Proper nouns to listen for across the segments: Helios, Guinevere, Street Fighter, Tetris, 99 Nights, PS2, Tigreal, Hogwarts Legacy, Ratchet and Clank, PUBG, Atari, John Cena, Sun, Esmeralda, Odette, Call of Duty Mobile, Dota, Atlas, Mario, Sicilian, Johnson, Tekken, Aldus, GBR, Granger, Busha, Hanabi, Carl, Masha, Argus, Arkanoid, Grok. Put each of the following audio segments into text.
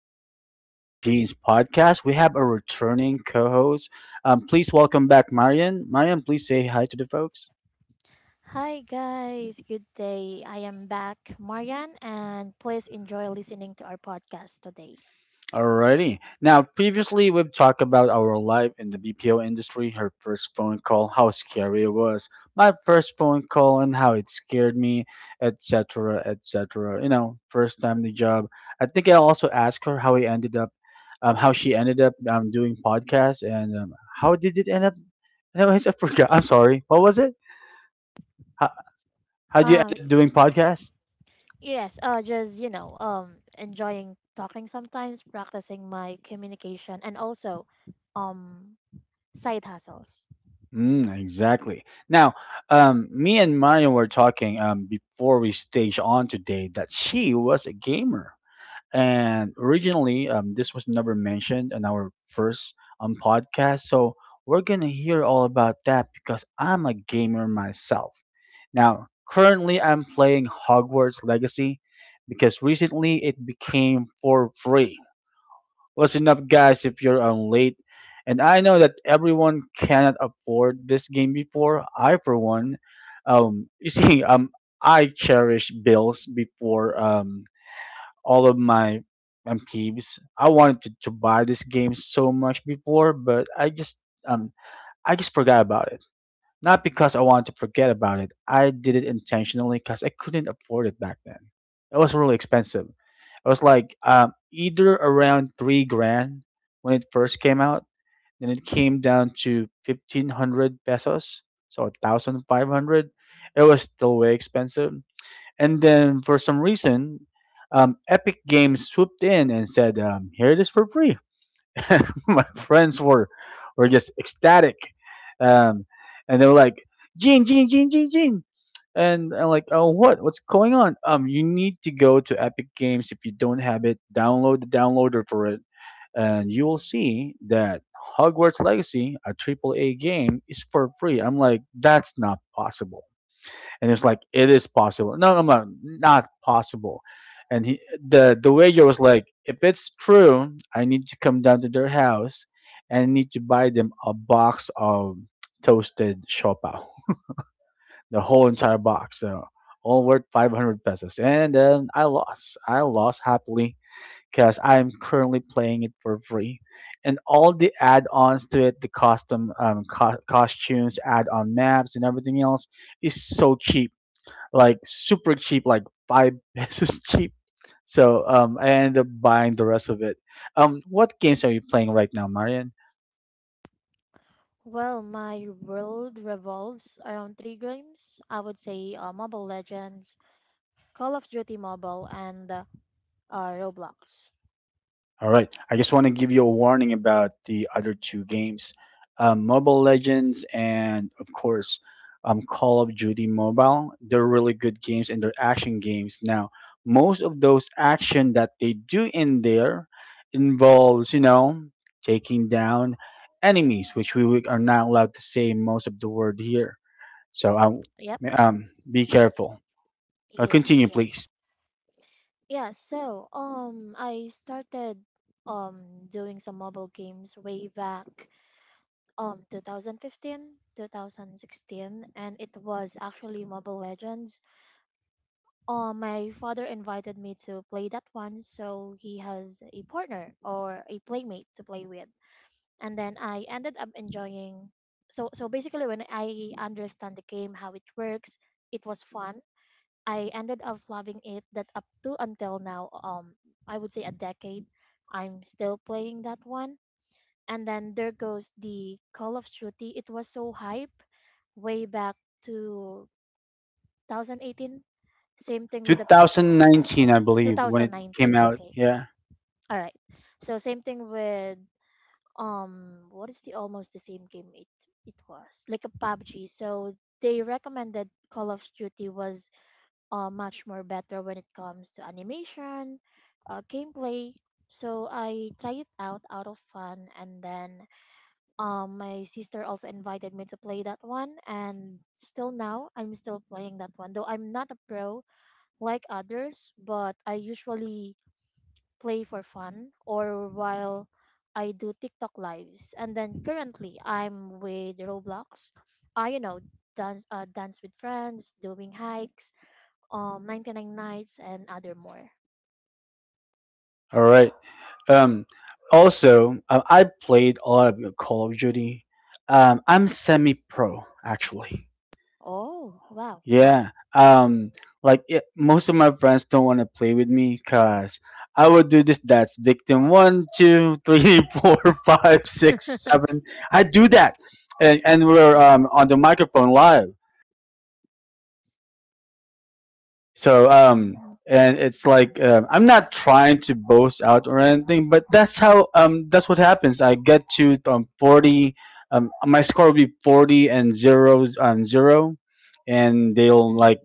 welcome to Crazy Jeans Podcast. We have a returning co host. Please welcome back Marian. Marian, please say hi to the folks. Hi guys, good day. I am back, Marian, and please enjoy listening to our podcast today. Alrighty. Now, previously we've talked about our life in the BPO industry, her first phone call, how scary it was, my first phone call and how it scared me, etc., etc. You know, first time the job. I think I also asked her how he ended up, how she ended up doing podcasts and how did it end up? Anyways, I forgot. I'm sorry. What was it? How, how did you Um, end up doing podcasts? yes, just enjoying talking sometimes, practicing my communication, and also, um, side hustles. Mm, exactly. Now, me and Mario were talking before we staged on today that she was a gamer. And originally, this was never mentioned in our first podcast. So we're going to hear all about that because I'm a gamer myself. Now, currently, I'm playing Hogwarts Legacy because recently it became for free. Listen up, guys, if you're on late. And I know that everyone cannot afford this game before. I, for one, you see, I cherish bills before all of my peeves. I wanted to buy this game so much before, but I just um, I just forgot about it. Not because I wanted to forget about it. I did it intentionally because I couldn't afford it back then. It was really expensive. It was like either around 3 grand when it first came out, then it came down to 1500 pesos, so a thousand five hundred. It was still way expensive. And then for some reason, Epic Games swooped in and said, "Here it is for free." My friends were just ecstatic, um, and they were like, "Gene, Gene, Gene, Gene, Gene," and I'm like, "Oh, what? What's going on?" You need to go to Epic Games if you don't have it. Download the downloader for it, and you will see that Hogwarts Legacy, a triple A game, is for free. I'm like, "That's not possible," and it's like it is possible. No, I'm like not possible. And the wager was like, if it's true, I need to come down to their house and need to buy them a box of toasted shopao, the whole entire box, so all worth 500 pesos. And I lost. I lost happily because I am currently playing it for free, and all the add-ons to it, the custom costumes, add-on maps, and everything else is so cheap, like super cheap, like five pesos cheap. So I ended up buying the rest of it. What games are you playing right now, Marian? Well, my world revolves around three games. I would say Mobile Legends, Call of Duty Mobile, and Roblox. All right. I just want to give you a warning about the other two games, Mobile Legends and, of course, Call of Duty Mobile. They're really good games and they're action games. Now, most of those action that they do in there involves, you know, taking down enemies, which we are not allowed to say most of the word here. So Yep. I, be careful. Yes. Continue, please. Yes. Yeah, so I started doing some mobile games way back, 2015, 2016, and it was actually Mobile Legends. My father invited me to play that one so he has a partner or a playmate to play with. And then I ended up enjoying, so basically when I understand the game how it works, it was fun. I ended up loving it that up to until now, I would say a decade, I'm still playing that one. And then there goes the Call of Duty. It was so hype way back to 2018. Same thing with the 2019, I believe, when it 2019. came out. Okay, Yeah. all right. So same thing with, what is the almost the same game, it was like a PUBG. So they recommended Call of Duty was much more better when it comes to animation, gameplay. So I try it out out of fun, and then, my sister also invited me to play that one, and still now I'm still playing that one. Though I'm not a pro like others, but I usually play for fun or while I do TikTok lives. And then currently I'm with Roblox. I dance with friends, doing hikes, 99 Nights, and other more. All right. Um, also, I played a lot of Call of Duty. I'm semi-pro actually. Oh, wow, wow. Yeah. Like it, most of my friends don't want to play with me because I would do this. That's victim one, two, three, four, five, six, seven. I do that, and and we're on the microphone live. So Mm-hmm. and it's like I'm not trying to boast out or anything, but that's how that's what happens. I get to 40, my score will be 40 and zeros on zero, and they'll like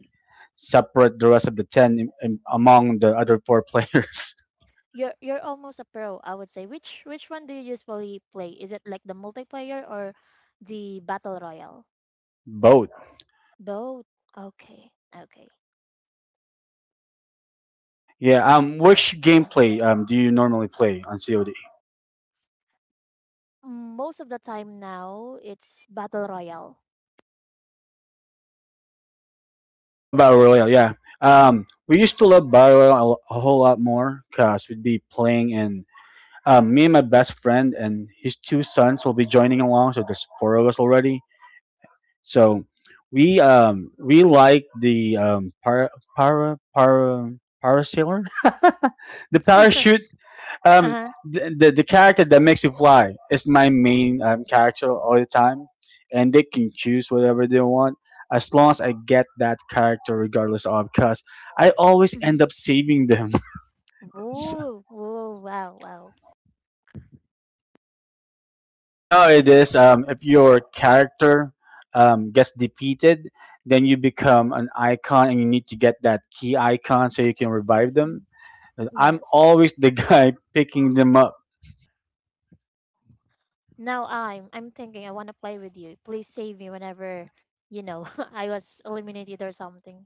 separate the rest of the 10 among the other four players. You're almost a pro, I would say. Which one do you usually play? Is it like the multiplayer or the battle royale? Both. Both. Okay, okay. Yeah. Which gameplay do you normally play on COD? Most of the time now, it's battle royale. Oh, Battle Royale. Yeah. We used to love Battle Royale a whole lot more because we'd be playing in. Me and my best friend and his two sons will be joining along. So there's four of us already. So we like the para para parasailer, the parachute. Um, Uh-huh. the character that makes you fly is my main character all the time, and they can choose whatever they want as long as I get that character, regardless of because I always Mhm. end up saving them. Woo, woo, wow, wow. You know, it is. If your character gets defeated, then you become an icon, and you need to get that key icon so you can revive them. Mhm. And I'm Yes. always the guy picking them up. Now I'm thinking I want to play with you. Please save me whenever, you know, I was eliminated or something.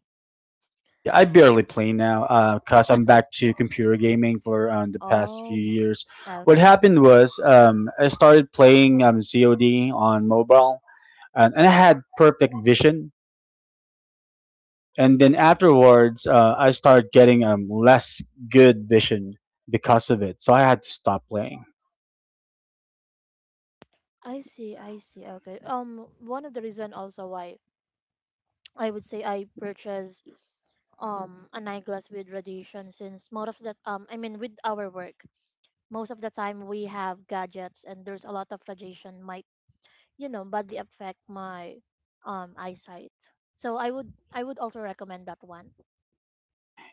Yeah, I barely play now cause I'm back to computer gaming for the past few Oh, years. What okay. happened was I started playing COD on mobile, and I had perfect vision. And then afterwards I started getting less good vision because of it, so I had to stop playing. I see, I see. Okay. One of the reason also why I would say I purchase an eyeglass with radiation, since most of that, I mean with our work, most of the time we have gadgets and there's a lot of radiation might, badly affect my eyesight. So I would also recommend that one.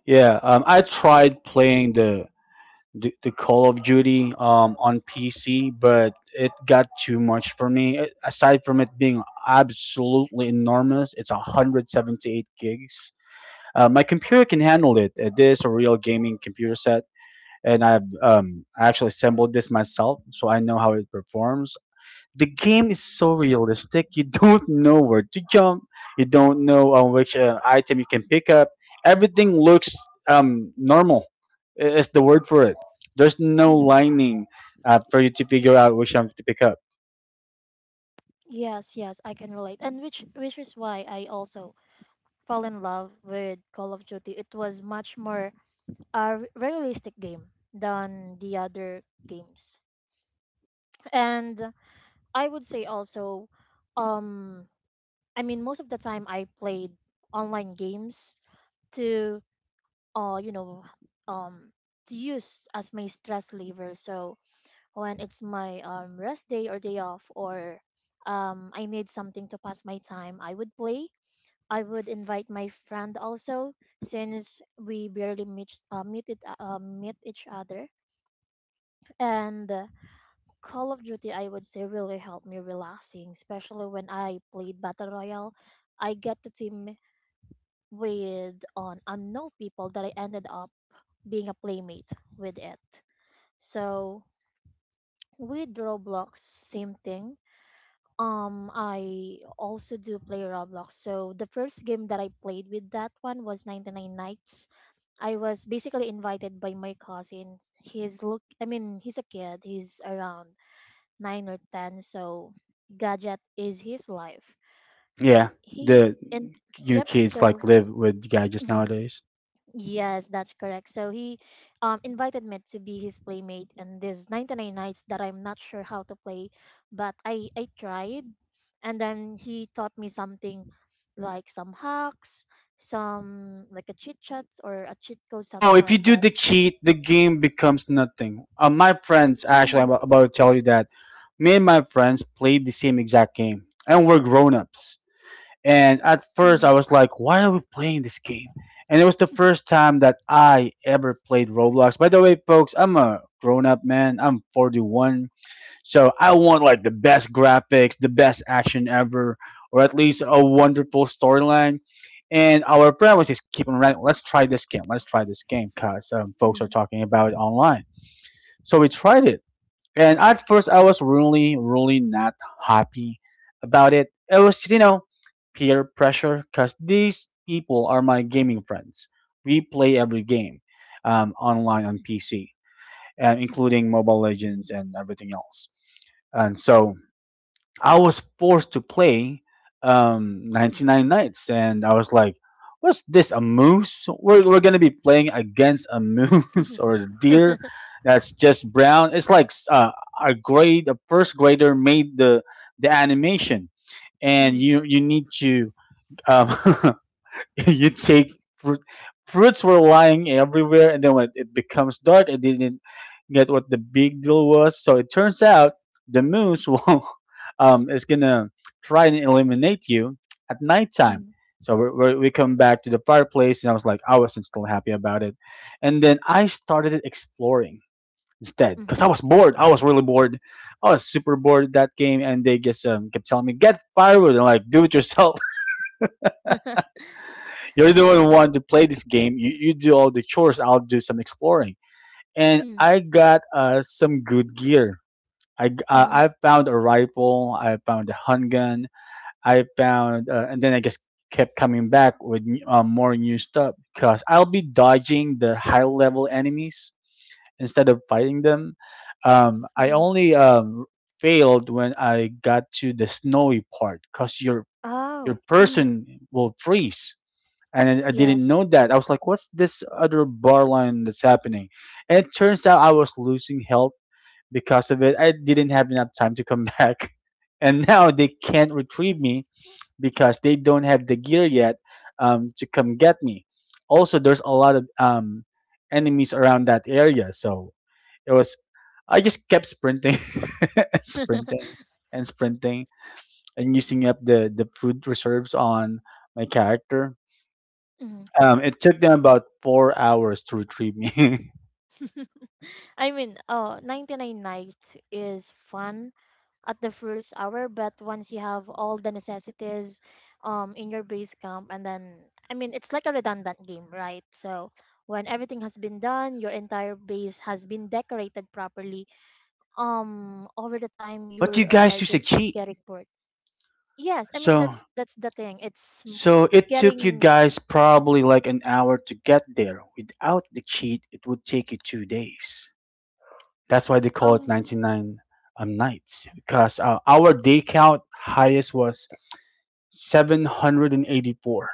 Yeah, I tried playing the Call of Duty on PC, but it got too much for me. Aside from it being absolutely enormous, it's 178 gigs. My computer can handle it. This a real gaming computer set, and I've actually assembled this myself, so I know how it performs. The game is so realistic. You don't know where to jump. You don't know on which item you can pick up. Everything looks normal. Is the word for it? There's no Hmm. lining for you to figure out which item to pick up. Yes, yes, I can relate. And which is why I also fell in love with Call of Duty. It was much more a realistic game than the other games. And I would say also, um I mean most of the time I played online games to you know um to use as my stress lever, so when it's my rest day or day off, or I need something to pass my time, I would play, I would invite my friend also, since we barely meet each other. And Call of Duty, I would say, really helped me relaxing, especially when I played battle royale. I get to team with on unknown people that I ended up being a playmate with it. So with Roblox, same thing. I also do play Roblox. So the first game that I played with that one was 99 Nights. I was basically invited by my cousin. He's Look, I mean, he's a kid. He's around nine or ten. So gadget is his life. Yeah, He the and you yep. kids like So, live with gadgets nowadays. yes, that's correct. So he, invited me to be his playmate in this 99 nights that I'm not sure how to play, but I tried. And then he taught me something like some hacks, some like a chit chat or a cheat code, Oh, something if you like do that. the cheat, the game becomes nothing. My friends, actually, Mm-hmm, I'm about to tell you that me and my friends played the same exact game, and we're grown ups. And at first, I mm-hmm, was like, why are we playing this game? And it was the first time that I ever played Roblox. By the way, folks, I'm a grown up man. I'm 41. So I want like the best graphics, the best action ever, or at least a wonderful storyline. And our friend was just keeping around, let's try this game. Let's try this game because folks are mm-hmm, talking about it online. So we tried it, and at first, I was really, really not happy about it. It was just, you know, peer pressure because these people are my gaming friends. We play every game online on PC, and including Mobile Legends and everything else. And so I was forced to play 99 Nights, and I was like, "What's this? A moose? We're gonna be playing against a moose or a deer that's just brown." It's like a first grader made the animation, and you need to um, you take fruit. Fruits were lying everywhere, and then when it becomes dark, I didn't get what the big deal was. So it turns out the moose is gonna try and eliminate you at nighttime. mm-hmm, So we come back to the fireplace, and I was like, I wasn't still happy about it. And then I started exploring instead because mm-hmm, I was bored. I was really bored. I was super bored at that game, and they just kept telling me get firewood and like do it yourself. You're the one who wanted to play this game. You do all the chores. I'll do some exploring. And mm-hmm, I got some good gear. Mm-hmm, I found a rifle. I found a handgun. And then I just kept coming back with more new stuff because I'll be dodging the high level enemies instead of fighting them. Um, I mm-hmm. only um, failed when I got to the snowy part because your Oh, mm-hmm, person will freeze, and I didn't yes. know that. I was like, "What's this other bar line that's happening?" And it turns out I was losing health because of it. I didn't have enough time to come back, and now they can't retrieve me because they don't have the gear yet to come get me. Also, there's a lot of enemies around that area, so it was. I just kept sprinting and sprinting Mm-hmm. and sprinting and using up the food reserves on my character. It took them about 4 hours to retrieve me. I mean, oh, 99 nights is fun at the first hour, but once you have all the necessities in your base camp, and then, I mean, it's like a redundant game, right? So when everything has been done, your entire base has been decorated properly, over the time, you But you are guys like used to just cheat. getting bored. Yes, I mean, So that's the thing, it's so it took you getting, guys probably like an hour to get there. Without the cheat, it would take you 2 days. That's why they call it um 99 nights because our day count highest was 784.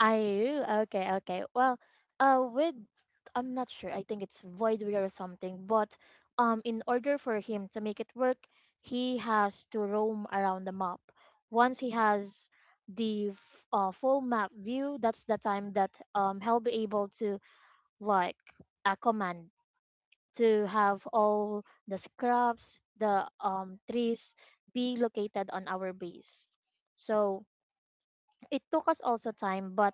I do. Okay, okay. Well, with I'm not sure. I think it's Voidware or something. But, in order for him to make it work, he has to roam around the map. Once he has the full map view, that's the time that he'll be able to like a command to have all the scraps, the trees be located on our base. So it took us also time, but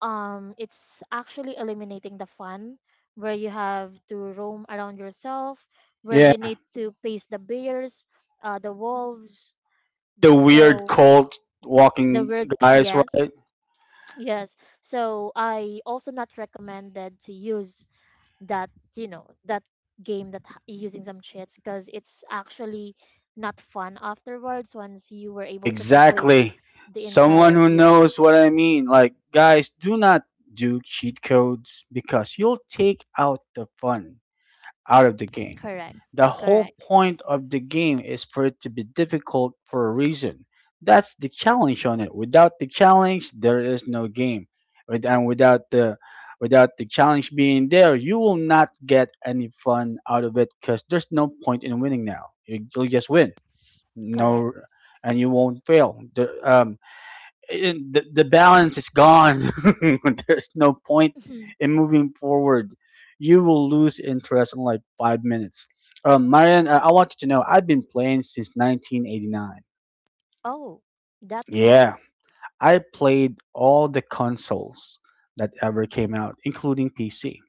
it's actually eliminating the fun, where you have to roam around yourself, where Yeah, you need to face the bears, the wolves. and the weird So cult the walking word, guys, yes. right? Yes. So I also not recommended to use that, that game that using some cheats, because it's actually not fun afterwards, once you were able to complete Exactly. the Someone entire who years. knows what I mean. Like, guys, do not do cheat codes because you'll take out the fun out of the game. Correct. The whole Correct. point of the game is for it to be difficult for a reason. That's the challenge on it. Without the challenge, there is no game. And without the without the challenge being there, you will not get any fun out of it because there's no point in winning now. You'll just win. Correct. No, and you won't fail. And the balance is gone. There's no point in moving forward. You will lose interest in like 5 minutes. Marian, I want you to know I've been playing since 1989. Oh, that long. Yeah, I played all the consoles that ever came out, including PC.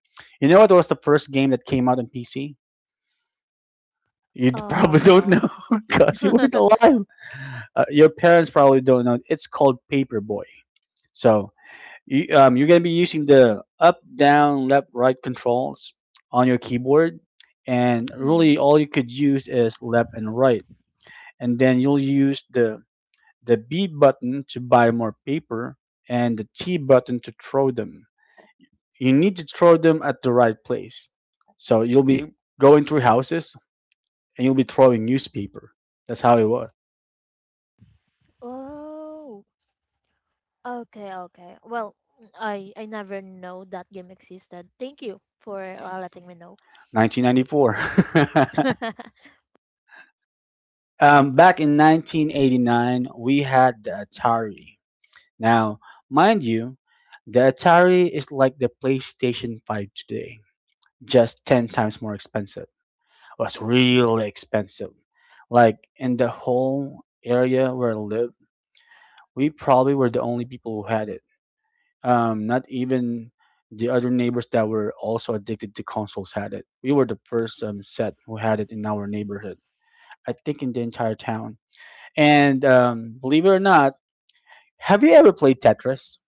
You know what was the first game that came out on PC? Probably don't No. know because you weren't alive. Your parents probably don't know. It's called Paperboy. So You, you're going to be using the up, down, left, right controls on your keyboard. And really, Mhm. all you could use is left and right. And then you'll use the B button to buy more paper and the T button to throw them. You need to throw them at the right place. So you'll be going through houses and you'll be throwing newspaper. That's how it was. Oh, okay, okay. Well, I never know that game existed. Thank you for letting me know. 1994. Back in 1989, we had the Atari. Now, mind you, the Atari is like the PlayStation 5 today, just 10 times more expensive. Was really expensive. Like in the whole area where I live, we probably were the only people who had it. Not even the other neighbors that were also addicted to consoles had it. We were the first set who had it in our neighborhood. I think in the entire town. And believe it or not, have you ever played Tetris?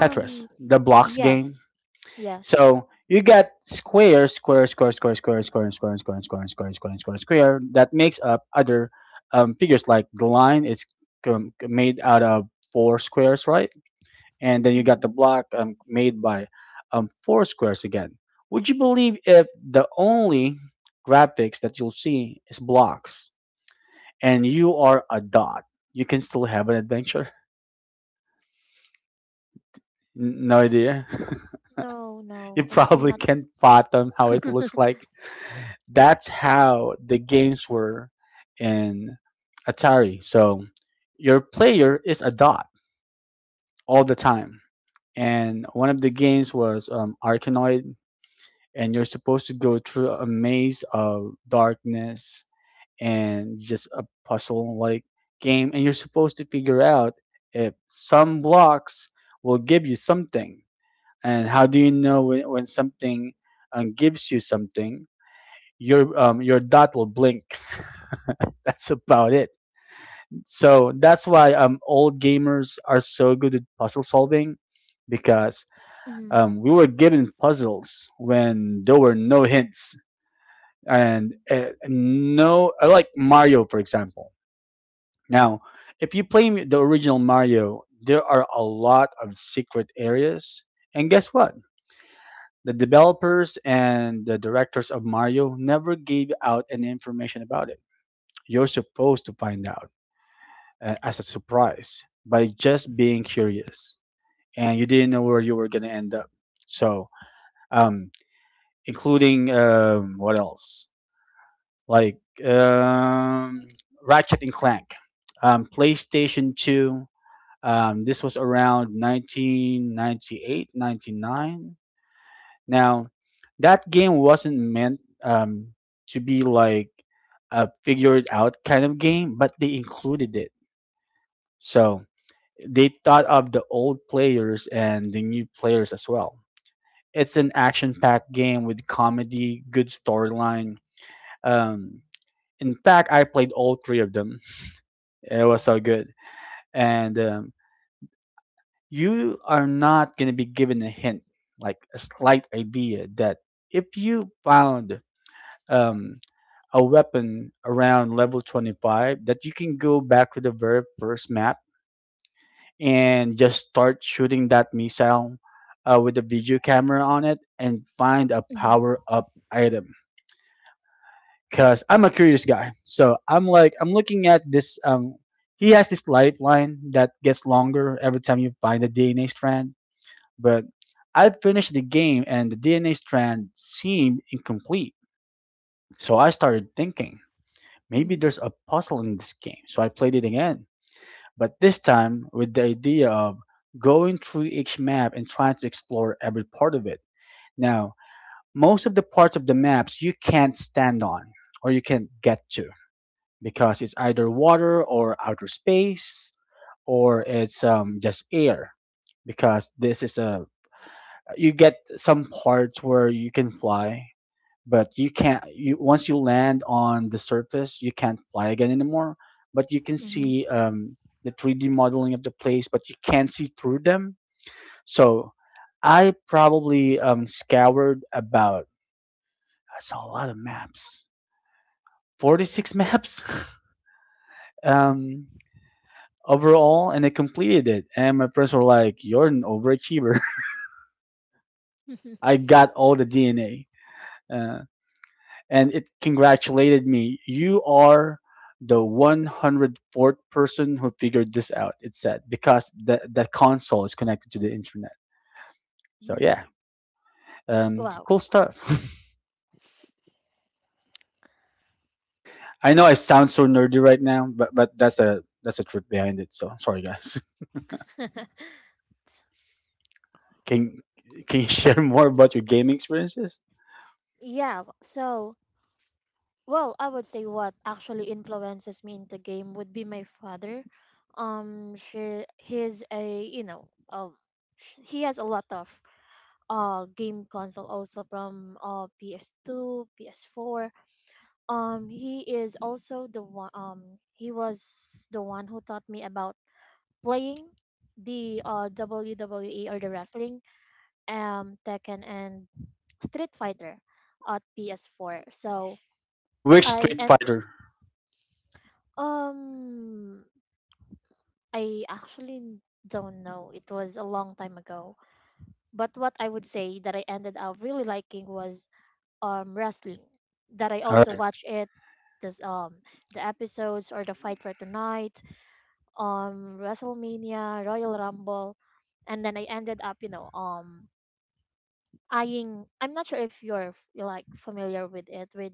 Tetris, the blocks game. yes, yes. So you got square, square, square, square, square, square, square, square, square, square, square, square, square that makes up other figures like the line. It's made out of four squares, right? And then you got Mm. the block made by four squares again. Would you believe if the only graphics that you'll see is blocks and you are a dot, you can still have an adventure? No idea. No, you no. I'm probably not. can't fathom how it looks like. That's how the games were in Atari. So your player is a dot all the time. And one of the games was Arkanoid, and you're supposed to go through a maze of darkness and just a puzzle like game. And you're supposed to figure out if some blocks will give you something. And how Mm, do you know when something gives you something? Your dot will blink. that's about it. So that's why old gamers are so good at puzzle solving because mhm, we were given puzzles when there were no hints and no like Mario for example. Now, if you play the original Mario, there are a lot of secret areas and guess what? The developers and the directors of Mario never gave out any information about it. You're supposed to find out as a surprise by just being curious and you didn't know where you were going to end up, so um including what else, like um Ratchet and Clank, PlayStation 2. This was around 1998, '99. Now, that game wasn't meant to be like a figured out kind of game, but they included it, so they thought of the old players and the new players as well. It's an action-packed game with comedy, good storyline. Um, in fact, I played all three of them. It was so good, and you are not gonna be given a hint, like a slight idea that if you found um, a weapon around level 25 that you can go back to the very first map and just start shooting that missile with a video camera on it and find a mhm, power up item. Cause I'm a curious guy, so I'm like I'm looking at this. He has this lifeline that gets longer every time you find a DNA strand, but I finished the game and the DNA strand seemed incomplete. So I started thinking maybe there's mhm, a puzzle in this game. So I played it again, but this time with the idea of going through each map and trying to explore every part of it. Now, most of the parts of the maps you can't stand on or you can't get to because it's either water or outer space or it's just air, because this is a you get some parts where you can fly but you can't you once you land on the surface you can't fly again anymore, but you can mhm. see the 3D modeling of the place but you can't see through them. So I probably scoured about, I saw a lot of maps, 46 maps um, overall, and I completed it and my friends were like you're an overachiever. I got all the DNA, uh, and it congratulated me. You are the 104th person who figured this out, it said, because the console is connected to the internet. So, yeah, Mm. Wow. cool stuff. I know I sound so nerdy right now, but that's a truth behind it. So sorry, guys. Can can you share more about your gaming experiences? Yeah. So. Well, I would say what actually influences me in the game would be my father. She he's a you know sh- He has a lot of game console also from, PS2, PS4. He was the one who taught me about playing the WWE or the wrestling, Tekken and Street Fighter at PS4. So Which I Street and Fighter? um I actually don't know. It was a long time ago. But what I would say that I ended up really liking was, wrestling. That I All also right, watched it, this the episodes or the fight for tonight, WrestleMania, Royal Rumble. And then I ended up, eyeing, I'm not sure if you're, like, familiar with it, with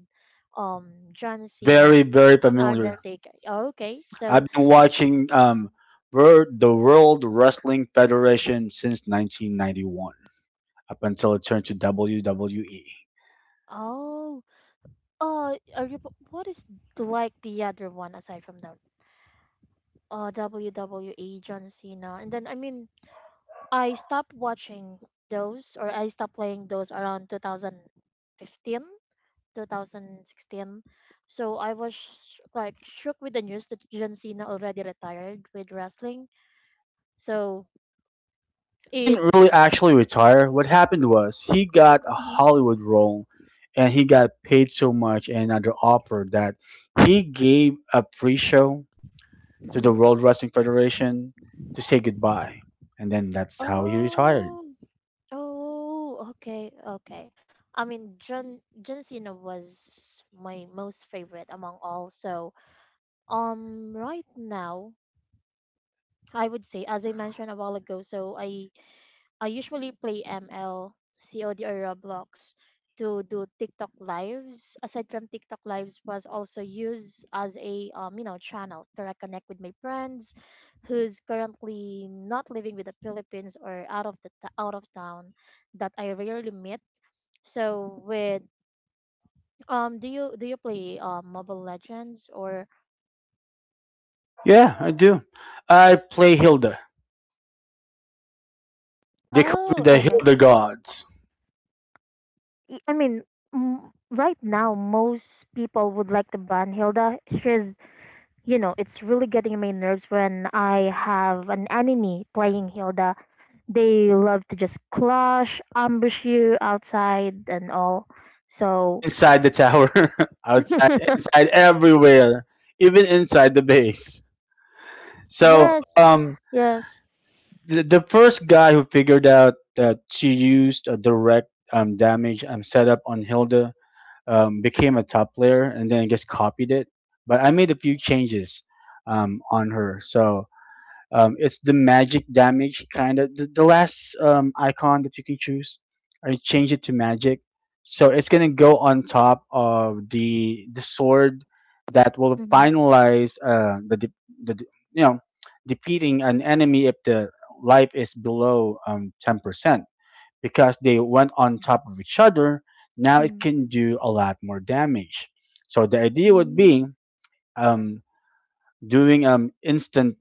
John very Cena, very familiar. Undertaker. Oh, okay. So I've been y- watching the World Wrestling Federation since 1991, up until it turned to WWE. oh, are you, what is like the other one aside from the WWE, John Cena? And then, I mean, I stopped watching those, or I stopped playing those around 2015, 2016. So I was sh like shook with the news that John Cena already retired with wrestling. So He it, didn't really actually retire. What happened was he got a Mhm, Hollywood role and he got paid so much and under offer that he gave a free show to the mhm. World Wrestling Federation to say goodbye. And then that's how he retired. Oh. Oh, okay, okay. I mean, John Cena was my most favorite among all. So, right now, I would say, as I mentioned a while ago, so I usually play ML, COD, or Roblox to do TikTok lives. Aside from TikTok lives, was also used as a, channel to reconnect with my friends who's currently not living with the Philippines or out of town that I rarely meet. So with, do you play, Mobile Legends or Yeah, I do. I play Hilda. They call me Oh, the okay. Hilda Gods. I mean, right now, most people would like to ban Hilda. It's really getting my nerves when I have an enemy playing Hilda. They love to just clash, ambush you outside, and all. So, Inside the tower, outside, inside, everywhere, even inside the base. So, yes, yes. the first guy who figured out that she used a direct damage setup on Hilda became a top player and then just copied it. But I made a few changes on her. So, it's the magic damage kind of the last icon that you can choose. I change it to magic, so it's gonna go on top of the sword that will Mm-hmm. finalize the the de- you know defeating an enemy if the life is below 10%, because they went on top of each other now it can do a lot more damage. So the idea would Mm-hmm. be um, doing instant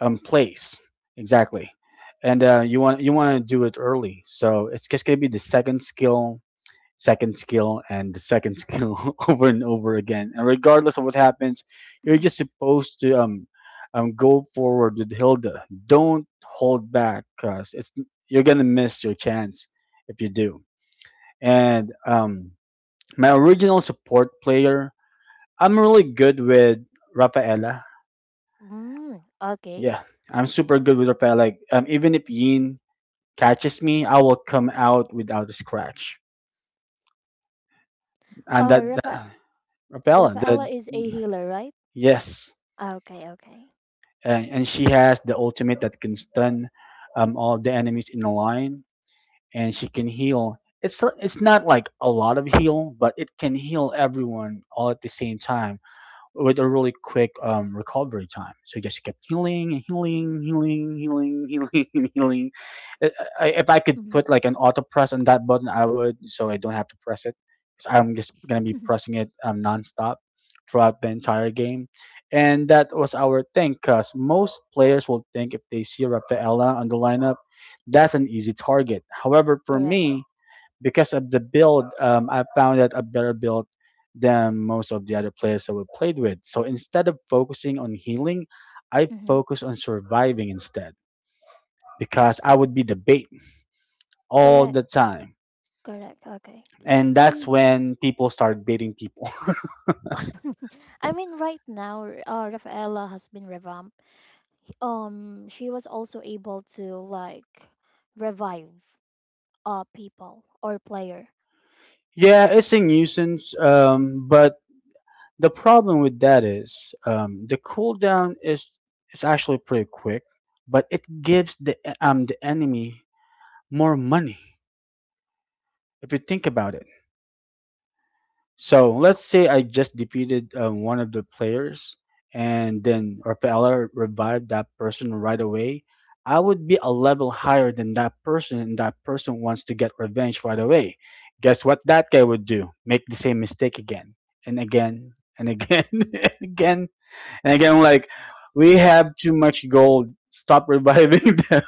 place, exactly. And uh, you want to do it early so it's just gonna be the second skill, and the second skill over and over again, and regardless of what happens you're Mm-hmm. just supposed to go forward with Hilda, don't hold back because it's you're gonna miss your chance if you do. And my original support player, I'm really good with Rafaela. Mm, okay. Yeah, I'm super good with Rafaela, like even if Yin catches me, I will come out without a scratch. And Uh, that, Rafa, that Rapella, Rafaela the is a healer, right? yes, Ah, okay, okay. And she has the ultimate that can stun all of the enemies in a line, and she can heal. It's not like a lot of heal, but it can heal everyone all at the same time with a really quick recovery time. So he just kept healing and healing, healing, healing, healing, and healing. I, if I could Hmm. put like an auto press on that button, I would, so I don't have to press it. 'Cause I'm just gonna be pressing it nonstop throughout the entire game. And that was our thing, because most players will think if they see Rafaela on the lineup, that's an easy target. However, for Correct. me, because of the build, I found that a better build than most of the other players that we played with. So instead of focusing on healing, I Mm-hmm. focus on surviving instead, because I would be the bait all Correct. the time. Correct. Okay. And that's And when people start baiting people. I mean, right now, Rafaela has been revamped. She was also able to like revive people or player. yeah, it's a nuisance, but the problem with that is the cooldown is actually pretty quick, but it gives the the enemy more money if you think about it. So let's say I just defeated one of the players, and then Rafaela revived that person right away. I would be a level higher than that person, and that person wants to get revenge right away. Guess what that guy would do? Make the same mistake again and again and again and again. And again, I'm like, we have too much gold. Stop reviving them.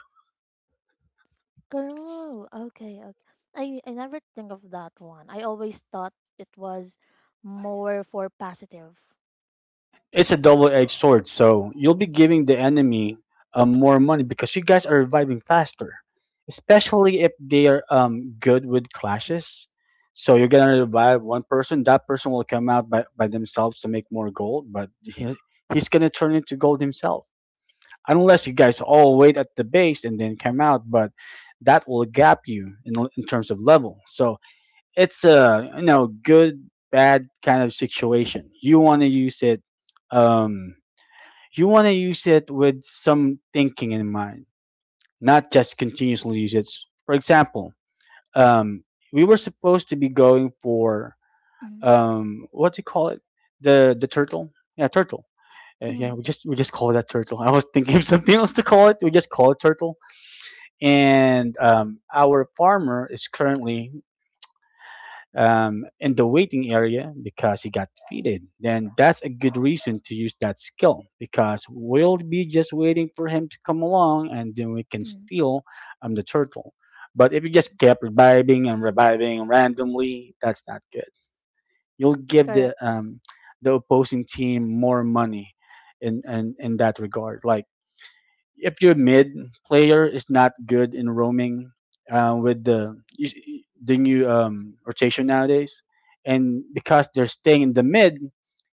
Girl, okay, okay. I never think of that one. I always thought it was more for positive. It's a double-edged sword. So you'll be giving the enemy more money because you guys are reviving faster, especially if they're good with clashes. So you're gonna revive one person. That person will come out by themselves to make more gold, but he's gonna turn into gold himself, unless you guys all wait at the base and then come out, but that will gap you in terms of level. So it's a good bad kind of situation. You want to use it. Um, you want to use it with some thinking in mind, not just continuously use it. For example, um, we were supposed to be going for Mm-hmm. What do you call it? The turtle. Yeah, turtle. Yeah, Mm. we just call it that turtle. I was thinking of something else to call it. We just call it turtle. And our farmer is currently in the waiting area because he got defeated. Then that's a good reason to use that skill because we'll be just waiting for him to come along and then we can Mm-hmm. steal the turtle. But if you just kept reviving and reviving randomly, that's not good. You'll give Correct. The opposing team more money in that regard. Like if your mid player is not good in roaming with the the new rotation nowadays, and because they're staying in the mid,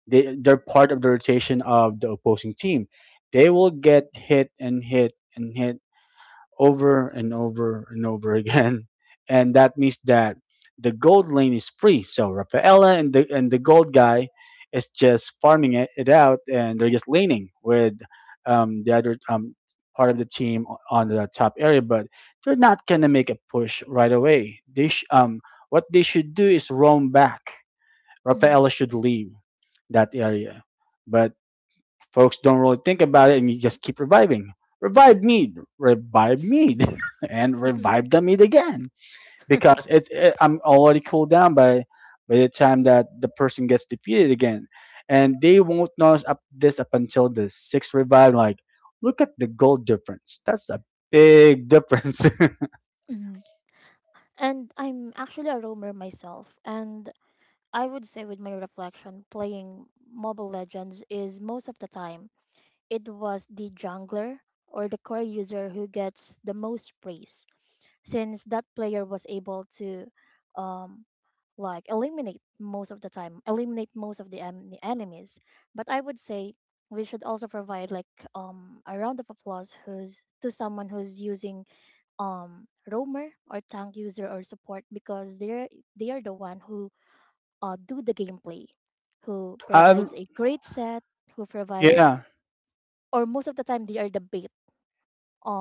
they're part of the rotation of the opposing team. They will get hit and hit and hit over and over and over again. And that means that the gold lane is free. So Rafaela and the gold guy is just farming it out, and they're just laning with the other part of the team on the top area. But they're not gonna make a push right away. What they should do is roam back. Mm. Rafaela should leave that area. But folks don't really think about it and you just keep reviving. Revive mead, and revive the mead again, because it's it I'm already cooled down by the time that the person gets defeated again, and they won't notice up this up until the sixth revive. Like, look at the gold difference. That's a big difference. Mhm. And I'm actually a roamer myself, and I would say with my reflection, playing Mobile Legends is most of the time, it was the jungler or the core user who gets the most praise, since that player was able to, um, like eliminate most of the time, eliminate most of the enemies. But I would say we should also provide like, a round of applause who's to someone who's using roamer or tank user or support, because they are the one who do the gameplay, who um, provides a great set, who provide yeah. or most of the time they are the bait,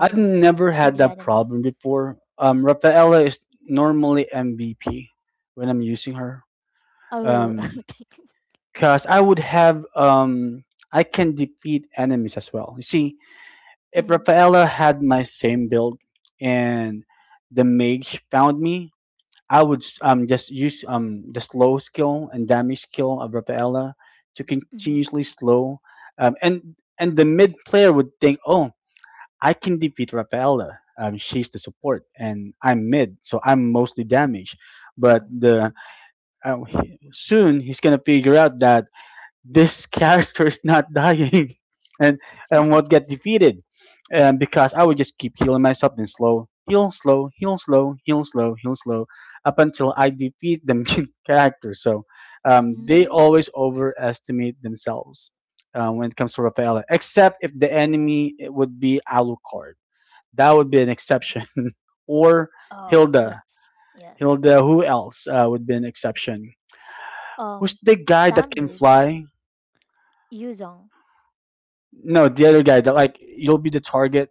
I've never to had the that enemy. problem before. Rafaela is normally MVP when I'm using her. Oh. Um, Okay. cause I would have I can defeat enemies as well. You see, if Mm, Rafaela had my same build and the mage found me, I would just use the slow skill and damage skill of Rafaela to mm, continuously slow. And the mid player would think, oh, I can defeat Rafaela. She's the support, and I'm mid, so I'm mostly damaged. But mm. Soon he's gonna figure out that this character is not dying, and won't get defeated, because I would just keep healing myself then slow, heal slow, heal slow, heal slow, heal slow, up until I defeat the main character. So they Mm. always overestimate themselves when it comes to Rafaela, except if the enemy would be Alucard. That would be an exception. Or Oh, Hilda. yes, yes. Hilda, who else would be an exception? Who's Um, the guy that can tamus. fly? Yuzong. No, the other guy that like you'll be the target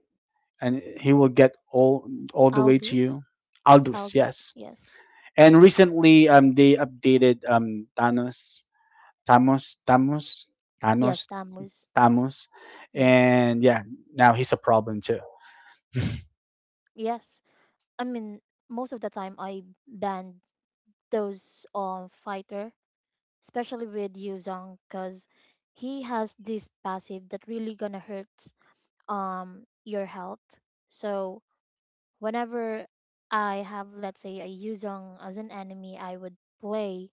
and he will get all the way to Aldus. you. Aldous, Aldus, yes. yes. And recently, they updated Thanos, Thanos. Thanos. Yes. Thanos, Tamus, Tamus, yes. and yeah, now he's a problem too. Yes, I mean most of the time I ban those, fighter, especially with Yuzong, because he has this passive that really gonna hurt your health. So whenever I have, let's say, a Yuzong as an enemy, I would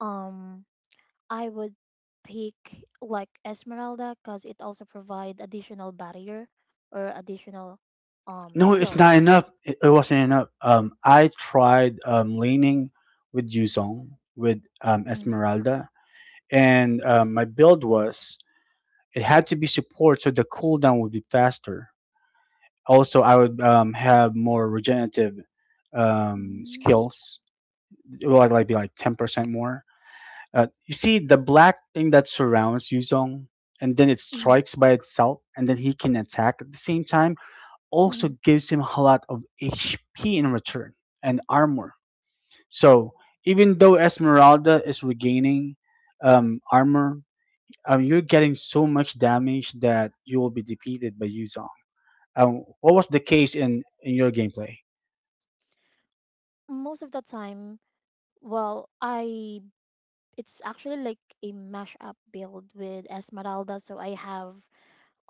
um I would pick like Esmeralda because it also provide additional barrier or additional, No, it's shield. not enough. It wasn't enough. I tried leaning with Yuzong with Mm, Esmeralda, and my build was it had to be support so the cooldown would be faster. Also, I would have more regenerative mm, skills. It would like be like 10% more. You see the black thing that surrounds Yuzong, and then it mm, strikes by itself and then he can attack at the same time, also mm. gives him a lot of HP in return, and armor. So even though Esmeralda is regaining armor, you're getting so much damage that you will be defeated by Yuzong. What was the case in your gameplay? Most of the time, well, I it's actually like a mashup build with Esmeralda. So I have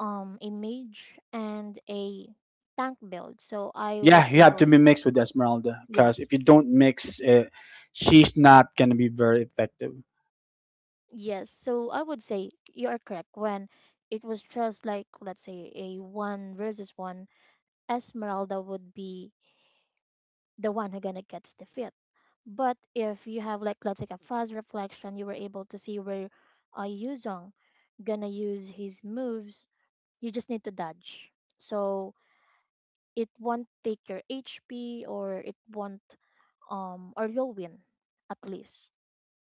a mage and a tank build. So I Yeah, was you have to able be mixed with Esmeralda because yes. if you don't mix it, she's not gonna be very effective. Yes. So I would say you are correct when it was just like let's say a one versus one, Esmeralda would be the one who gonna gets the fit. But if you have like let's say a fast reflection, you were able to see where Yuzong gonna use his moves, you just need to dodge. So it won't take your HP or it won't or you'll win at least.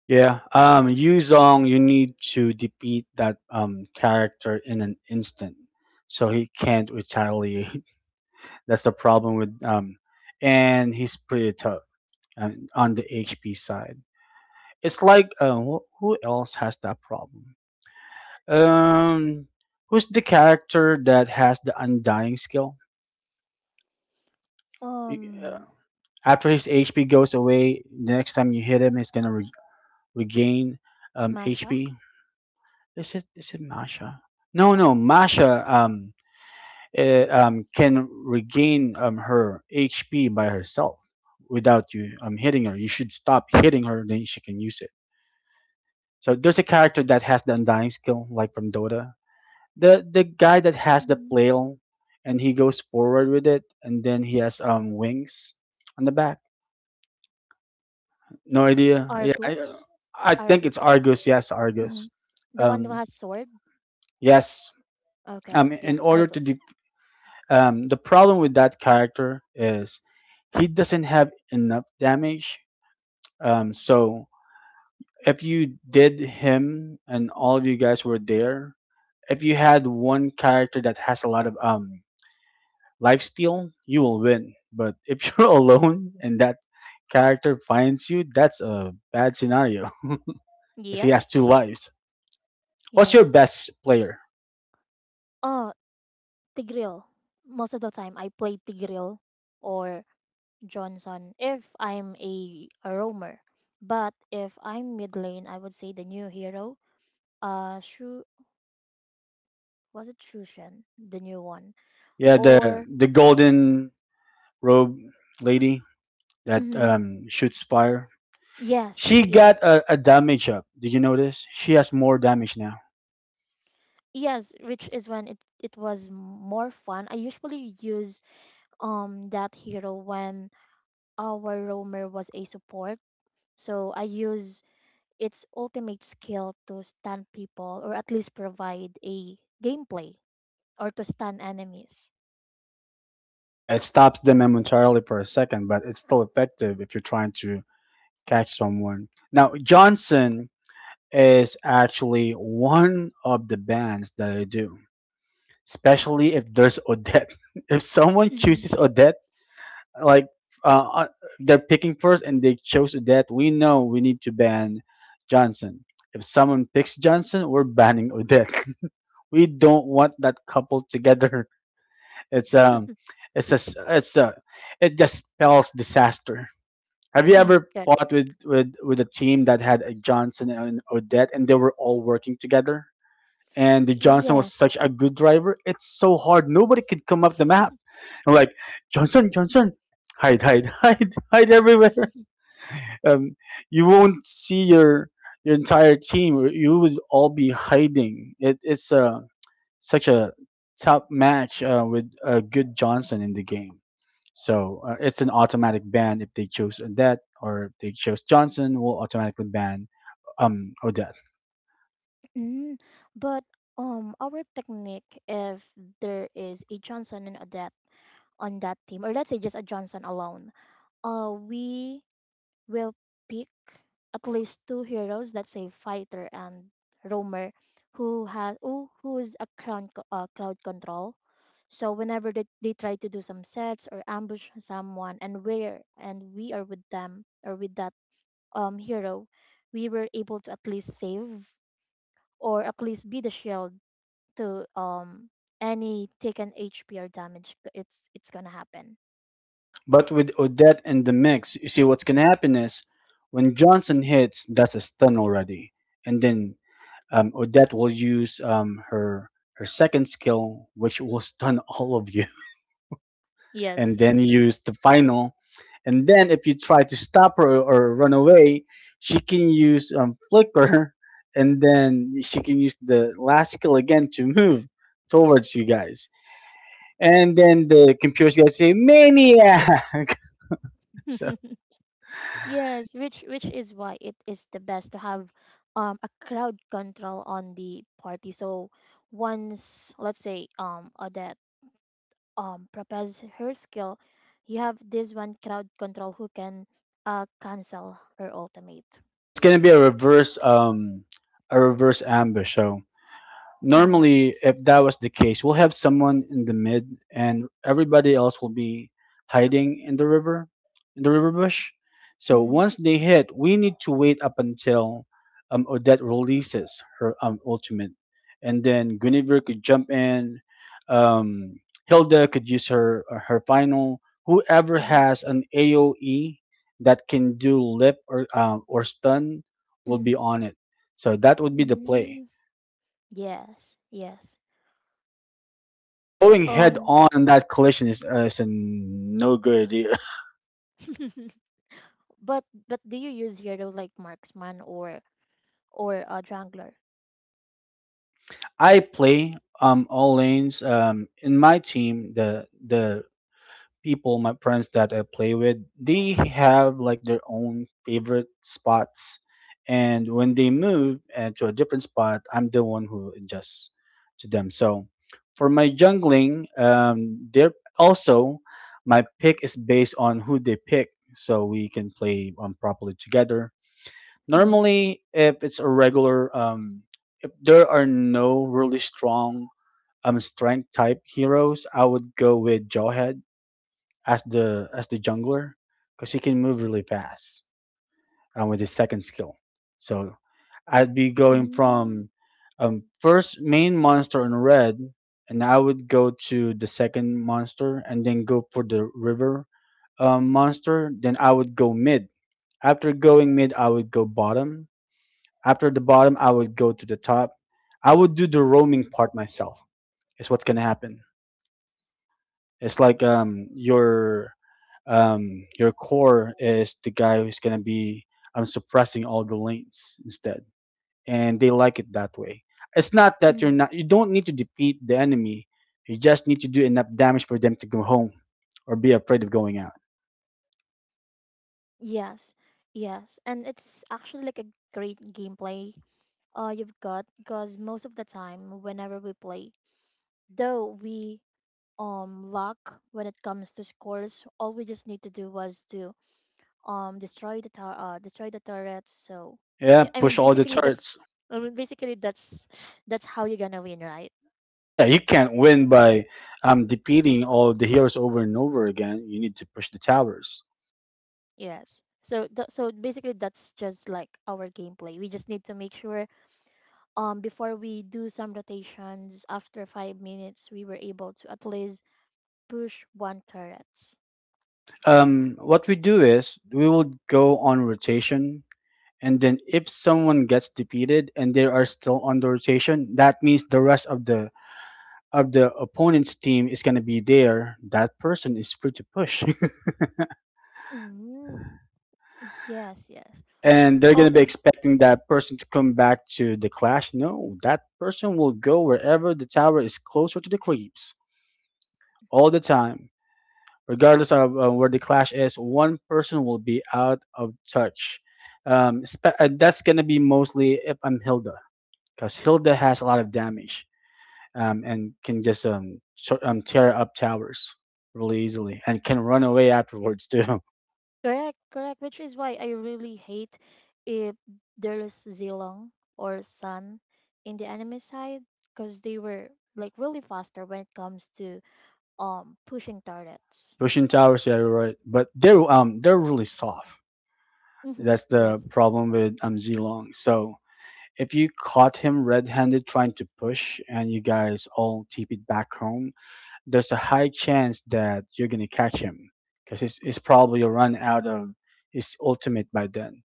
Yeah. Yuzong, you need to defeat that character in an instant, so he can't retaliate. That's the problem with and he's pretty tough on the HP side. It's like who else has that problem? Um, who's the character that has the undying skill? Y- uh, Um After his HP goes away, the next time you hit him, he's gonna regain Masha, HP. Is it Masha? No, no, Masha can regain her HP by herself without you hitting her. You should stop hitting her, then she can use it. So there's a character that has the undying skill, like from Dota. The guy that has the hmm flail, and he goes forward with it and then he has wings on the back. No idea. yeah i Argus, i think it's Argus. Argus. Yes, Hmm. Argus. The one who um has sword. yes Okay. In Yes, order to Argus. The problem with that character is he doesn't have enough damage, so if you did him and all of you guys were there, if you had one character that has a lot of lifesteal, you will win. But if you're alone and that character finds you, that's a bad scenario. Because he Yep. has two lives. What's your Yes. best player? Oh, Tigreal. Most of the time I play Tigreal or Johnson if I'm a roamer. But if I'm mid lane, I would say the new hero. Shu was it Shushan, the new one, Yeah, or the golden robe lady that mm-hmm. Shoots fire. Yes, She got yes. A damage up. Did you notice? She has more damage now. Yes, which is when it was more fun. I usually use that hero when our roamer was a support. So I use its ultimate skill to stun people or at least provide a gameplay or to stun enemies. Yeah, it stops them momentarily for a second, but it's still effective if you're trying to catch someone. Now Johnson is actually one of the bands that I do, especially if there's Odette. If someone Mm-hmm. chooses Odette, like uh, uh, they're picking first and they chose Odette, we know we need to ban Johnson. If someone picks Johnson, we're banning Odette. We don't want that couple together. It's um, it's a, it just spells disaster. Have you Mm, ever good. fought with with a team that had a Johnson and Odette, and they were all working together? And the Johnson was Yes. such a good driver. It's so hard. Nobody could come up the map. I'm like, Johnson, Johnson, hide, hide, hide, hide everywhere. Um, you won't see your entire team. You would all be hiding. It's such a top match with a good Johnson in the game. So it's an automatic ban if they chose Odette or if they chose Johnson. Will automatically ban Odette. Mm, but our technique, if there is a Johnson and a Odette on that team, or let's say just a Johnson alone, we will pick at least two heroes, let's say fighter and roamer, who who is a cloud control. So whenever they try to do some sets or ambush someone, and we are with them or with that hero, we were able to at least save or at least be the shield to any taken HP or damage. It's gonna happen. But with Odette in the mix, you see what's going to happen is when Johnson hits, that's a stun already. And then Odette will use her second skill, which will stun all of you, Yes. and then use the final. And then if you try to stop her or run away, she can use Flicker, and then she can use the last skill again to move towards you guys. And then the computers guys say, Maniac! So. Yes, which is why it is the best to have a crowd control on the party. So once let's say Odette prepares her skill, you have this one crowd control who can cancel her ultimate. It's gonna be a reverse ambush. So Mm-hmm. normally if that was the case, we'll have someone in the mid and everybody else will be hiding in the river, in the river bush. So Mm-hmm. once they hit, we need to wait up until Odette releases her ultimate, and then Guinevere could jump in. um, Hilda could use her final. Whoever Mm-hmm. has an AOE that can do lip or stun will Mm-hmm. be on it. So that would be the play. Mm-hmm. Yes, yes. Going head Um on in that collision is a no good idea. but do you use hero like marksman or a jungler? I play all lanes in my team. The people, my friends that I play with, they have like their own favorite spots, and when they move to a different spot, I'm the one who adjusts to them. So for my jungling, they're also my pick is based on who they pick, so we can play properly together. Mm-hmm. Normally, if it's a regular, if there are no really strong strength type heroes, I would go with Jawhead as the jungler because he can move really fast with his second skill. So I'd be going Mm-hmm, from first main monster in red, and I would go to the second monster, and then go for the river monster. Then I would go mid. After going mid, I would go bottom, after the bottom, I would go to the top. I would do the roaming part myself. Is what's gonna happen. It's like your core is the guy who's gonna be suppressing all the lanes instead, and they like it that way. It's not that mm-hmm. You don't need to defeat the enemy. You just need to do enough damage for them to go home or be afraid of going out. Yes, yes, and it's actually like a great gameplay you've got because most of the time whenever we play, though we luck when it comes to scores, all we just need to do was to destroy the turrets. So Yeah, yeah, push all the turrets. I mean basically that's how you're gonna win, right? Yeah, you can't win by defeating all the heroes over and over again. You need to push the towers. Yes. So basically that's just like our gameplay. We just need to make sure before we do some rotations after 5 minutes we were able to at least push one turret What we do is we will go on rotation, and then if someone gets defeated and they are still on the rotation, that means the rest of the opponent's team is going to be there. That person is free to push, mm yes yes and they're going to be um expecting that person to come back to the clash. No, that person will go wherever the tower is closer to the creeps all the time, regardless of where the clash is. One person will be out of touch. That's gonna be mostly if I'm Hilda, because Hilda has a lot of damage, and can just tear up towers really easily and can run away afterwards too. correct correct which is why I really hate if there is Zilong or Sun in the enemy side because they were like really faster when it comes to pushing turrets Pushing towers, yeah, you're right, but they're really soft. mm-hmm. That's Yeah. the problem with Zilong. So if you caught him red-handed trying to push and you guys all TP'd back home, there's a high chance that you're gonna catch him because he's probably run out of his ultimate by then.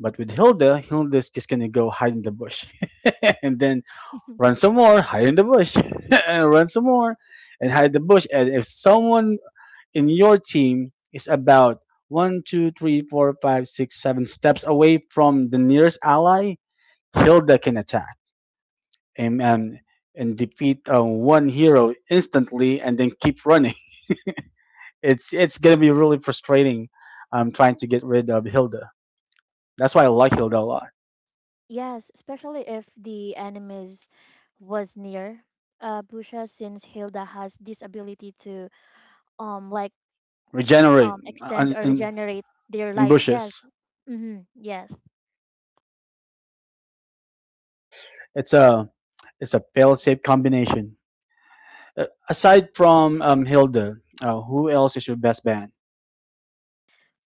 But with Hilda, Hilda's just gonna go hide in the bush, and then run some more, hide in the bush, and run some more, and hide in the bush. And if someone in your team is about one, two, three, four, five, six, seven steps away from the nearest ally, Hilda can attack and and, and defeat one hero instantly, and then keep running. It's gonna be really frustrating, trying to get rid of Hilda. That's why I like Hilda a lot. Yes, especially if the enemies was near Busha, since Hilda has this ability to um like Regenerate extend in or in, regenerate their in life. bushes. Yes. Mm-hmm. Yes. It's a it's a fail-safe combination. Aside from Hilda, who else is your best band?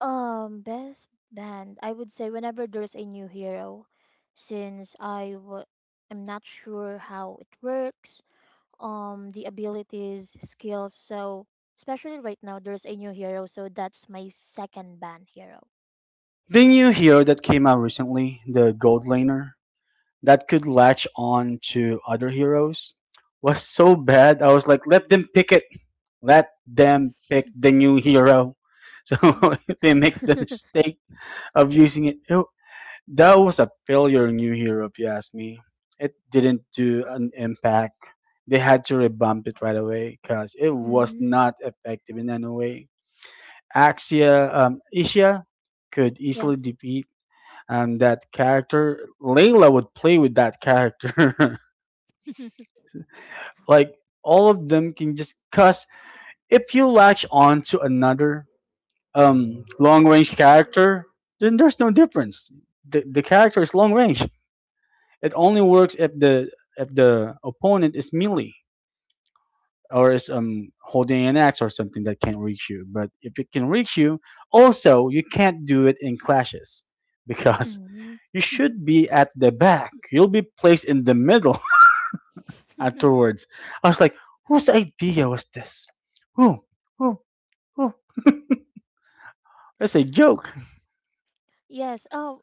Best band I would say whenever there's a new hero, since I w- I'm not sure how it works. The abilities, skills. So especially right now, there's a new hero, so that's my second band hero. The new hero that came out recently, the Gold Laner, that could latch on to other heroes was so bad. I was like, let them pick it. Let them pick the new hero. So Mm-hmm. if they make the mistake of using it. Ew, that was a failure, new hero, if you ask me. It didn't do an impact. They had to revamp it right away because it was Mm-hmm. not effective in any way. Axia, Ishia could easily Yes. defeat that character. Layla would play with that character. Like all of them can just cuss. If you latch on to another long range character, then there's no difference. The character is long range. It only works if the opponent is melee, or is holding an axe or something that can't reach you. But if it can reach you, also you can't do it in clashes, because Mhm. you should be at the back. You'll be placed in the middle afterwards. I was like, whose idea was this? Who who Oh, that's a joke. Yes. Oh,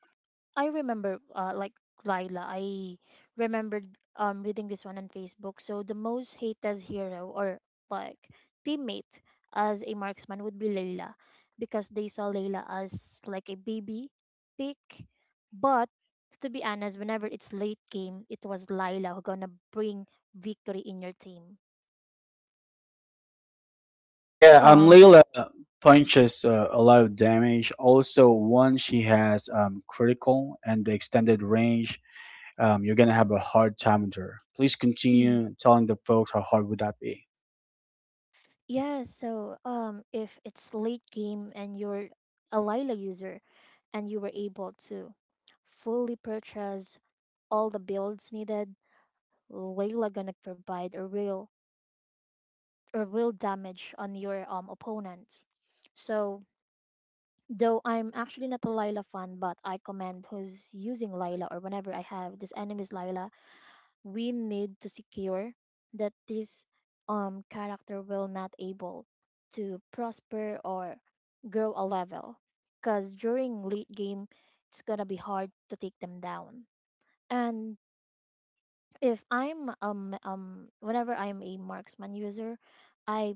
I remember. Like Lila, I remembered reading this one on Facebook. So the most hated as hero or like teammate as a marksman would be Layla, because they saw Layla as like a baby pig. But to be honest, whenever it's late game, it was Lila who gonna bring victory in your team. Yeah, Um. Layla punches a lot of damage. Also, once she has critical and the extended range, you're gonna have a hard time with her. Please continue telling the folks how hard would that be. Yeah, so if it's late game and you're a Lila user and you were able to fully purchase all the builds needed, Layla gonna provide a real or real damage on your opponents. So though I'm actually not a Lila fan, but I commend who's using Lila or whenever I have this enemy's Lila we need to secure that this character will not able to prosper or grow a level because during late game it's gonna be hard to take them down and if I'm whenever I'm a marksman user I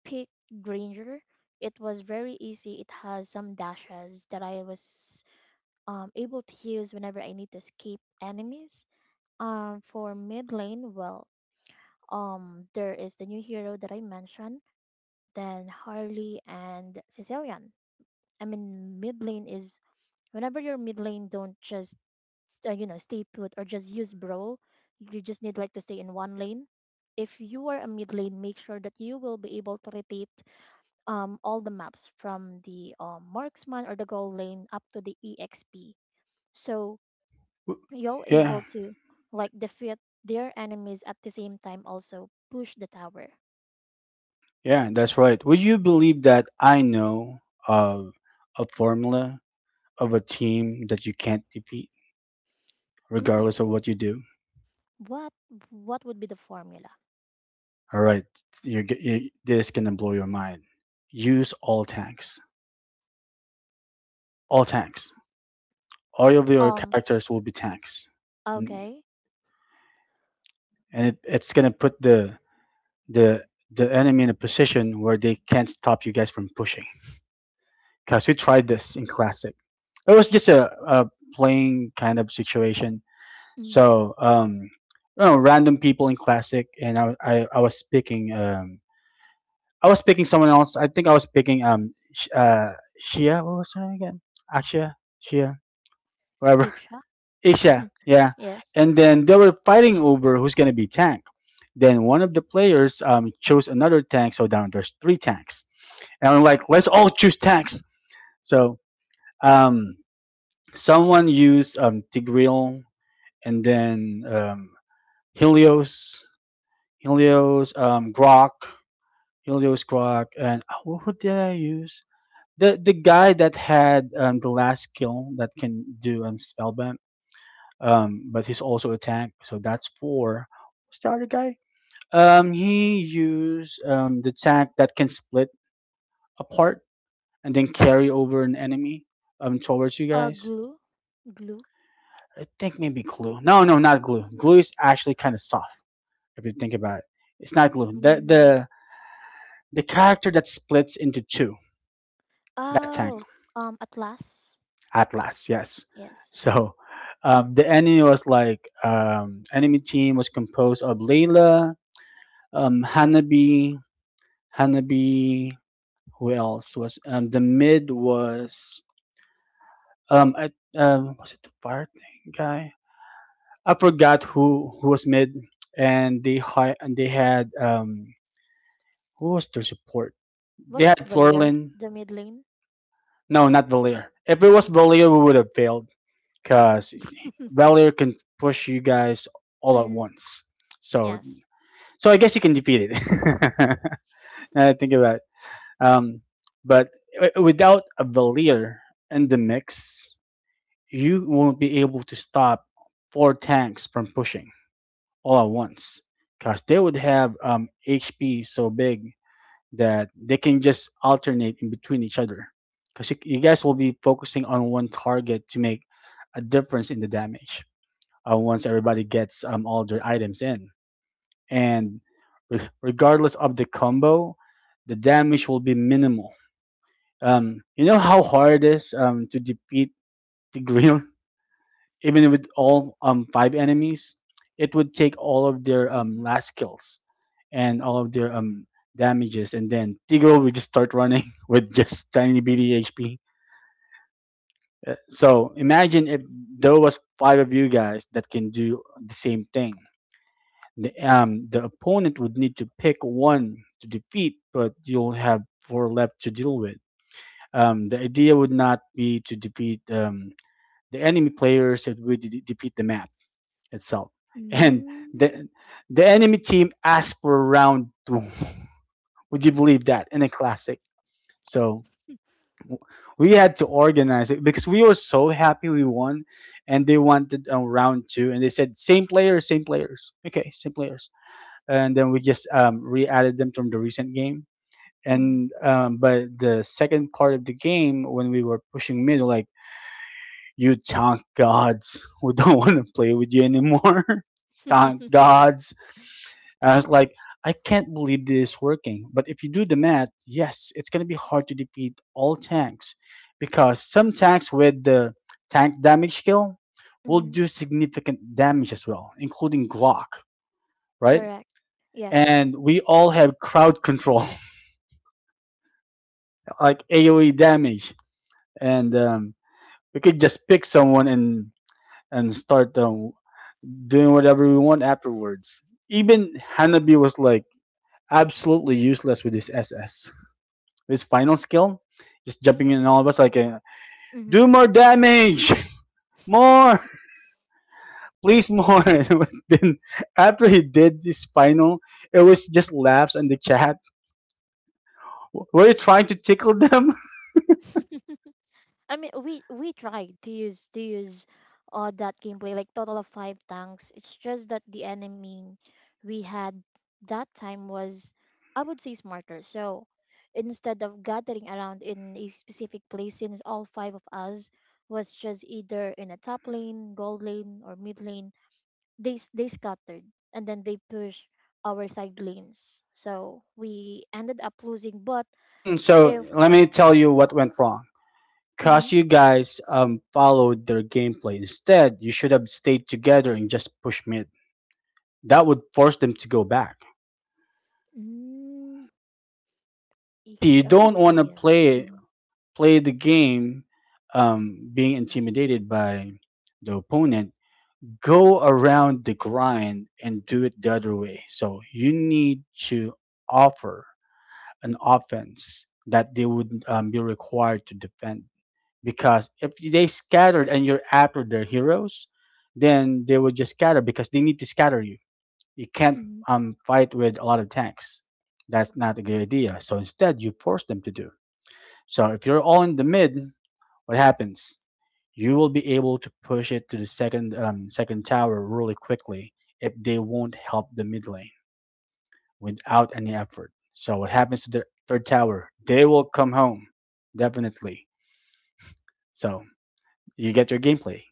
pick Granger it was very easy it has some dashes that I was able to use whenever I need to escape enemies for mid lane well there is the new hero that I mentioned, then Harley and Sicilian. I mean mid lane is whenever you're mid lane, don't just you know stay put or just use brawl. You just need like to stay in one lane. If you are a mid lane, make sure that you will be able to rotate all the maps from the marksman or the goal lane up to the exp. So W- you'll able Yeah, to like defeat their enemies at the same time also push the tower. yeah, that's right. Would you believe that I know of a formula of a team that you can't defeat, regardless Mm. of what you do? What what would be the formula? All right, you, this is gonna blow your mind. Use all tanks. All tanks. All of your Um, characters will be tanks, N- okay. and it's gonna put the the enemy in a position where they can't stop you guys from pushing. Cause we tried this in classic. It was just a playing kind of situation. Mm, So you know, random people in classic, and I was picking someone else. I think I was picking um Shia. What was her name again? Akshia, Shia, whatever. Iksha. Asia, yeah. Yes. And then they were fighting over who's gonna be tank. Then one of the players chose another tank, so down there's three tanks. And I'm like, let's all choose tanks. So um, someone used Tigreal, and then Helios, Helios, Grok, Helios Grok, and oh, who did I use? The guy that had the last skill that can do spellbound, but he's also attack. So that's four. What's the other guy? He used the attack that can split apart and then carry over an enemy towards you guys. Glue. Glue. I think maybe glue. No, no, not glue. Glue is actually kind of soft if you think about it. It's not glue. Mm. The character that splits into two. That tank. Oh, Atlas. Atlas. Yes. Yes. So. The enemy was like enemy team was composed of Layla, Hanabi. Hanabi. Who else was the mid was I was it the fire thing guy? I forgot who was mid, and they hi and they had who was their support? They Was it had Valier, Florlin. the mid lane? No, not Valier. If it was Mm. Valier, we would have failed because Valier can push you guys all at Mhm. once. So Yes. so I guess you can defeat it. Now that I think about it. Um, but without a Valier in the mix, you won't be able to stop four tanks from pushing all at once, because they would have HP so big that they can just alternate in between each other. Because you guys will be focusing on one target to make a difference in the damage once everybody gets all their items in. And regardless of the combo, the damage will be minimal. You know how hard it is to defeat the green. Even with all five enemies, it would take all of their Mhm. last kills and all of their damages, and then Tigro would just start running with just tiny bitty HP. So imagine if there was five of you guys that can do the same thing. The opponent would need to pick one to defeat, but you'll have four left to deal with. The idea would not be to defeat the enemy players; it would defeat the map itself. And Mm, the the enemy team asked for round two. Would you believe that in a classic? So we had to organize it because we were so happy we won, and they wanted a round two, and they said same players, same players. Okay, same players. And then we just re-added them from the recent game. mm, And but the second part of the game when we were pushing mid, like, you tank gods who don't want to play with you anymore. Tank gods. I was like, I can't believe this is working. But if you do the math, yes, it's going to be hard to defeat all tanks because some tanks with the tank damage skill will mhm. do significant damage as well, including Glock, right? Correct. Yes. And we all have crowd control, like AoE damage, and we could just pick someone and start doing whatever we want afterwards. Even Hanabi was like absolutely useless with his SS. His final skill, just jumping in on all of us like, a, do Mhm. more damage, more, please more. But then after he did his final, it was just laughs in the chat. Were you trying to tickle them? I mean, we tried to use all that gameplay like total of five tanks. It's just that the enemy we had that time was, I would say, smarter. So instead of gathering around in a specific place, since all five of us was just either in a top lane, gold lane, or mid lane, they scattered and then they push our side lanes. So we ended up losing. But Mm, so if let me tell you what went wrong. Cause you guys followed their gameplay. Instead, you should have stayed together and just pushed mid. That would force them to go back. mhm. You Y- see, you I don't would want say to yes. Mhm. play the game being intimidated by the opponent. Go around the grind and do it the other way. So you need to offer an offense that they would be required to defend. Because if they scattered and you're after their heroes, then they would just scatter because they need to scatter you. You can't Mhm. Fight with a lot of tanks. That's not a good idea. So instead, you force them to do. So if you're all in the mid, what happens? You will be able to push it to the second second tower really quickly if they won't help the mid lane without any effort. So what happens to the third tower? They will come home definitely. So you get your gameplay.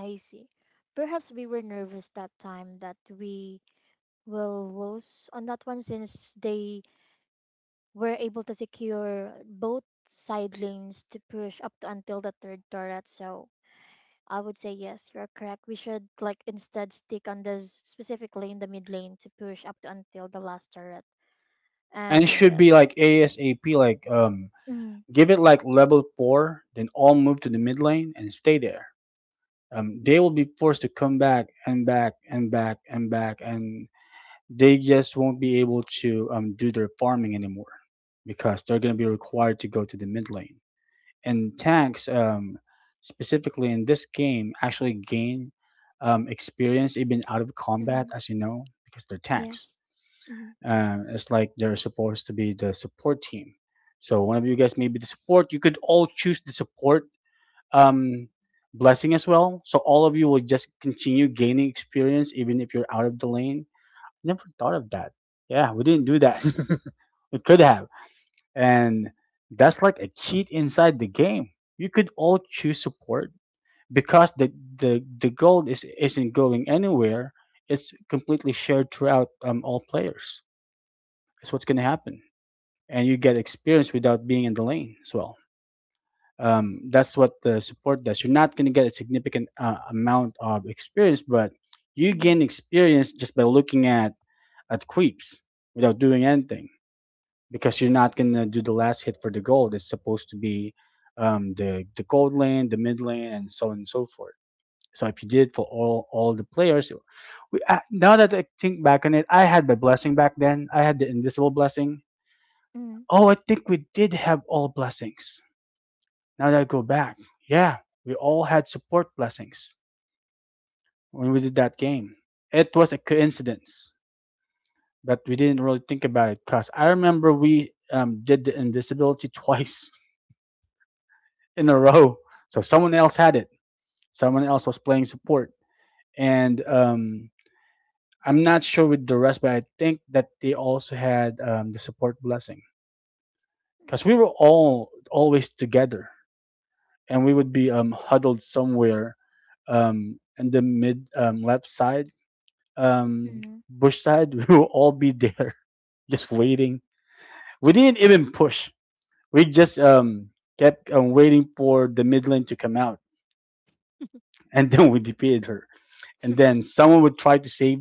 I see. Perhaps we were nervous that time that we will lose on that one since they were able to secure both side lanes to push up to until the third turret. So I would say yes, you're correct. We should like instead stick on this specific lane, the mid lane, to push up to until the last turret. Yeah, and it And should be like ASAP. Mm-hmm, Give it like level 4, then all move to the mid lane and stay there. They will be forced to come back and back and back and back, and they just won't be able to do their farming anymore because they're going to be required to go to the mid lane. And tanks, specifically in this game, actually gain experience even out of combat, hmm as you know, because they're tanks. yes. Mm-hmm, It's like they're supposed to be the support team. So one of you guys may be the support. You could all choose the support um, blessing as well. So all of you will just continue gaining experience even if you're out of the lane. Never thought of that. Yeah, we didn't do that. We could have. And that's like a cheat inside the game. You could all choose support because the gold is isn't going anywhere. It's completely shared throughout all players. That's what's going to happen, and you get experience without being in the lane as well. That's what the support does. You're not going to get a significant amount of experience, but you mm-hmm, gain experience just by looking at creeps without doing anything, because you're not gonna do the last hit for the gold. It's supposed to be the gold lane, the mid lane, and so on and so forth. So if you did for all the players, now that I think back on it, I had my blessing back then. I had the invisible blessing. mm-hmm, Oh, I think we did have all blessings. Now that I go back, yeah, we all had support blessings when we did that game. It was a coincidence, but we didn't really think about it because I remember we did the invisibility twice, in a row. So someone else had it. Someone else was playing support, and I'm not sure with the rest, but I think that they also had the support blessing because we were all always together, and we would be huddled somewhere in the mid left side, um, mm-hmm. bush side. We will all be there, just waiting. We didn't even push. We just kept waiting for the mid lane to come out, and then we defeated her. And then someone would try to save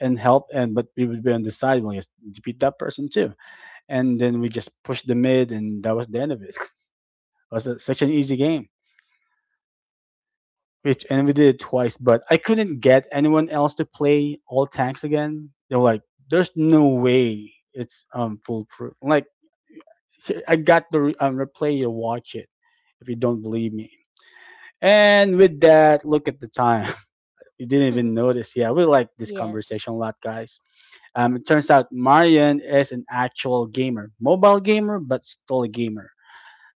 and help, and but we would be on the side, well, yes, defeat that person too, and then we just pushed the mid, and that was the end of it. It was a, such an easy game, which, and we did it twice, but I couldn't get anyone else to play all tanks again. They were like, there's no way. It's foolproof. Like, I got the replay. You watch it if you don't believe me. And with that, look at the time. You didn't even notice. Yeah, we like this Yes. conversation a lot, guys. It turns out Marian is an actual gamer, mobile gamer, but still a gamer.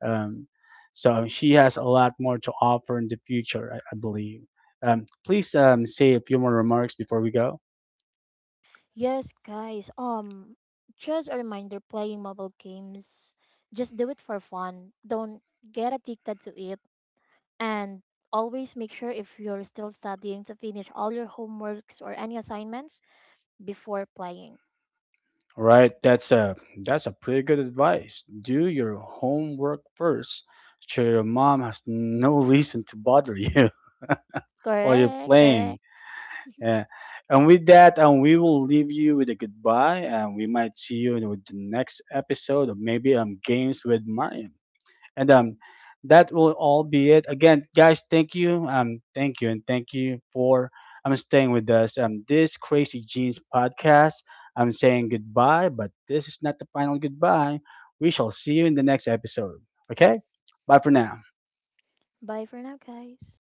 Um, so she has a lot more to offer in the future, I believe. Please say a few more remarks before we go. Yes, guys. Just a reminder: playing mobile games, just do it for fun. Don't get addicted to it, and always make sure if you're still studying to finish all your homeworks or any assignments before playing. All right, that's a pretty good advice. Do your homework first, so your mom has no reason to bother you. While you're Correct, playing. correct. Yeah. And with that, we will leave you with a goodbye, and we might see you in with the next episode of maybe games with Mariam. And that will all be it. Again, guys, thank you, and thank you for staying with us. This Crazy Jeans podcast. I'm saying goodbye, but this is not the final goodbye. We shall see you in the next episode. Okay, bye for now. Bye for now, guys.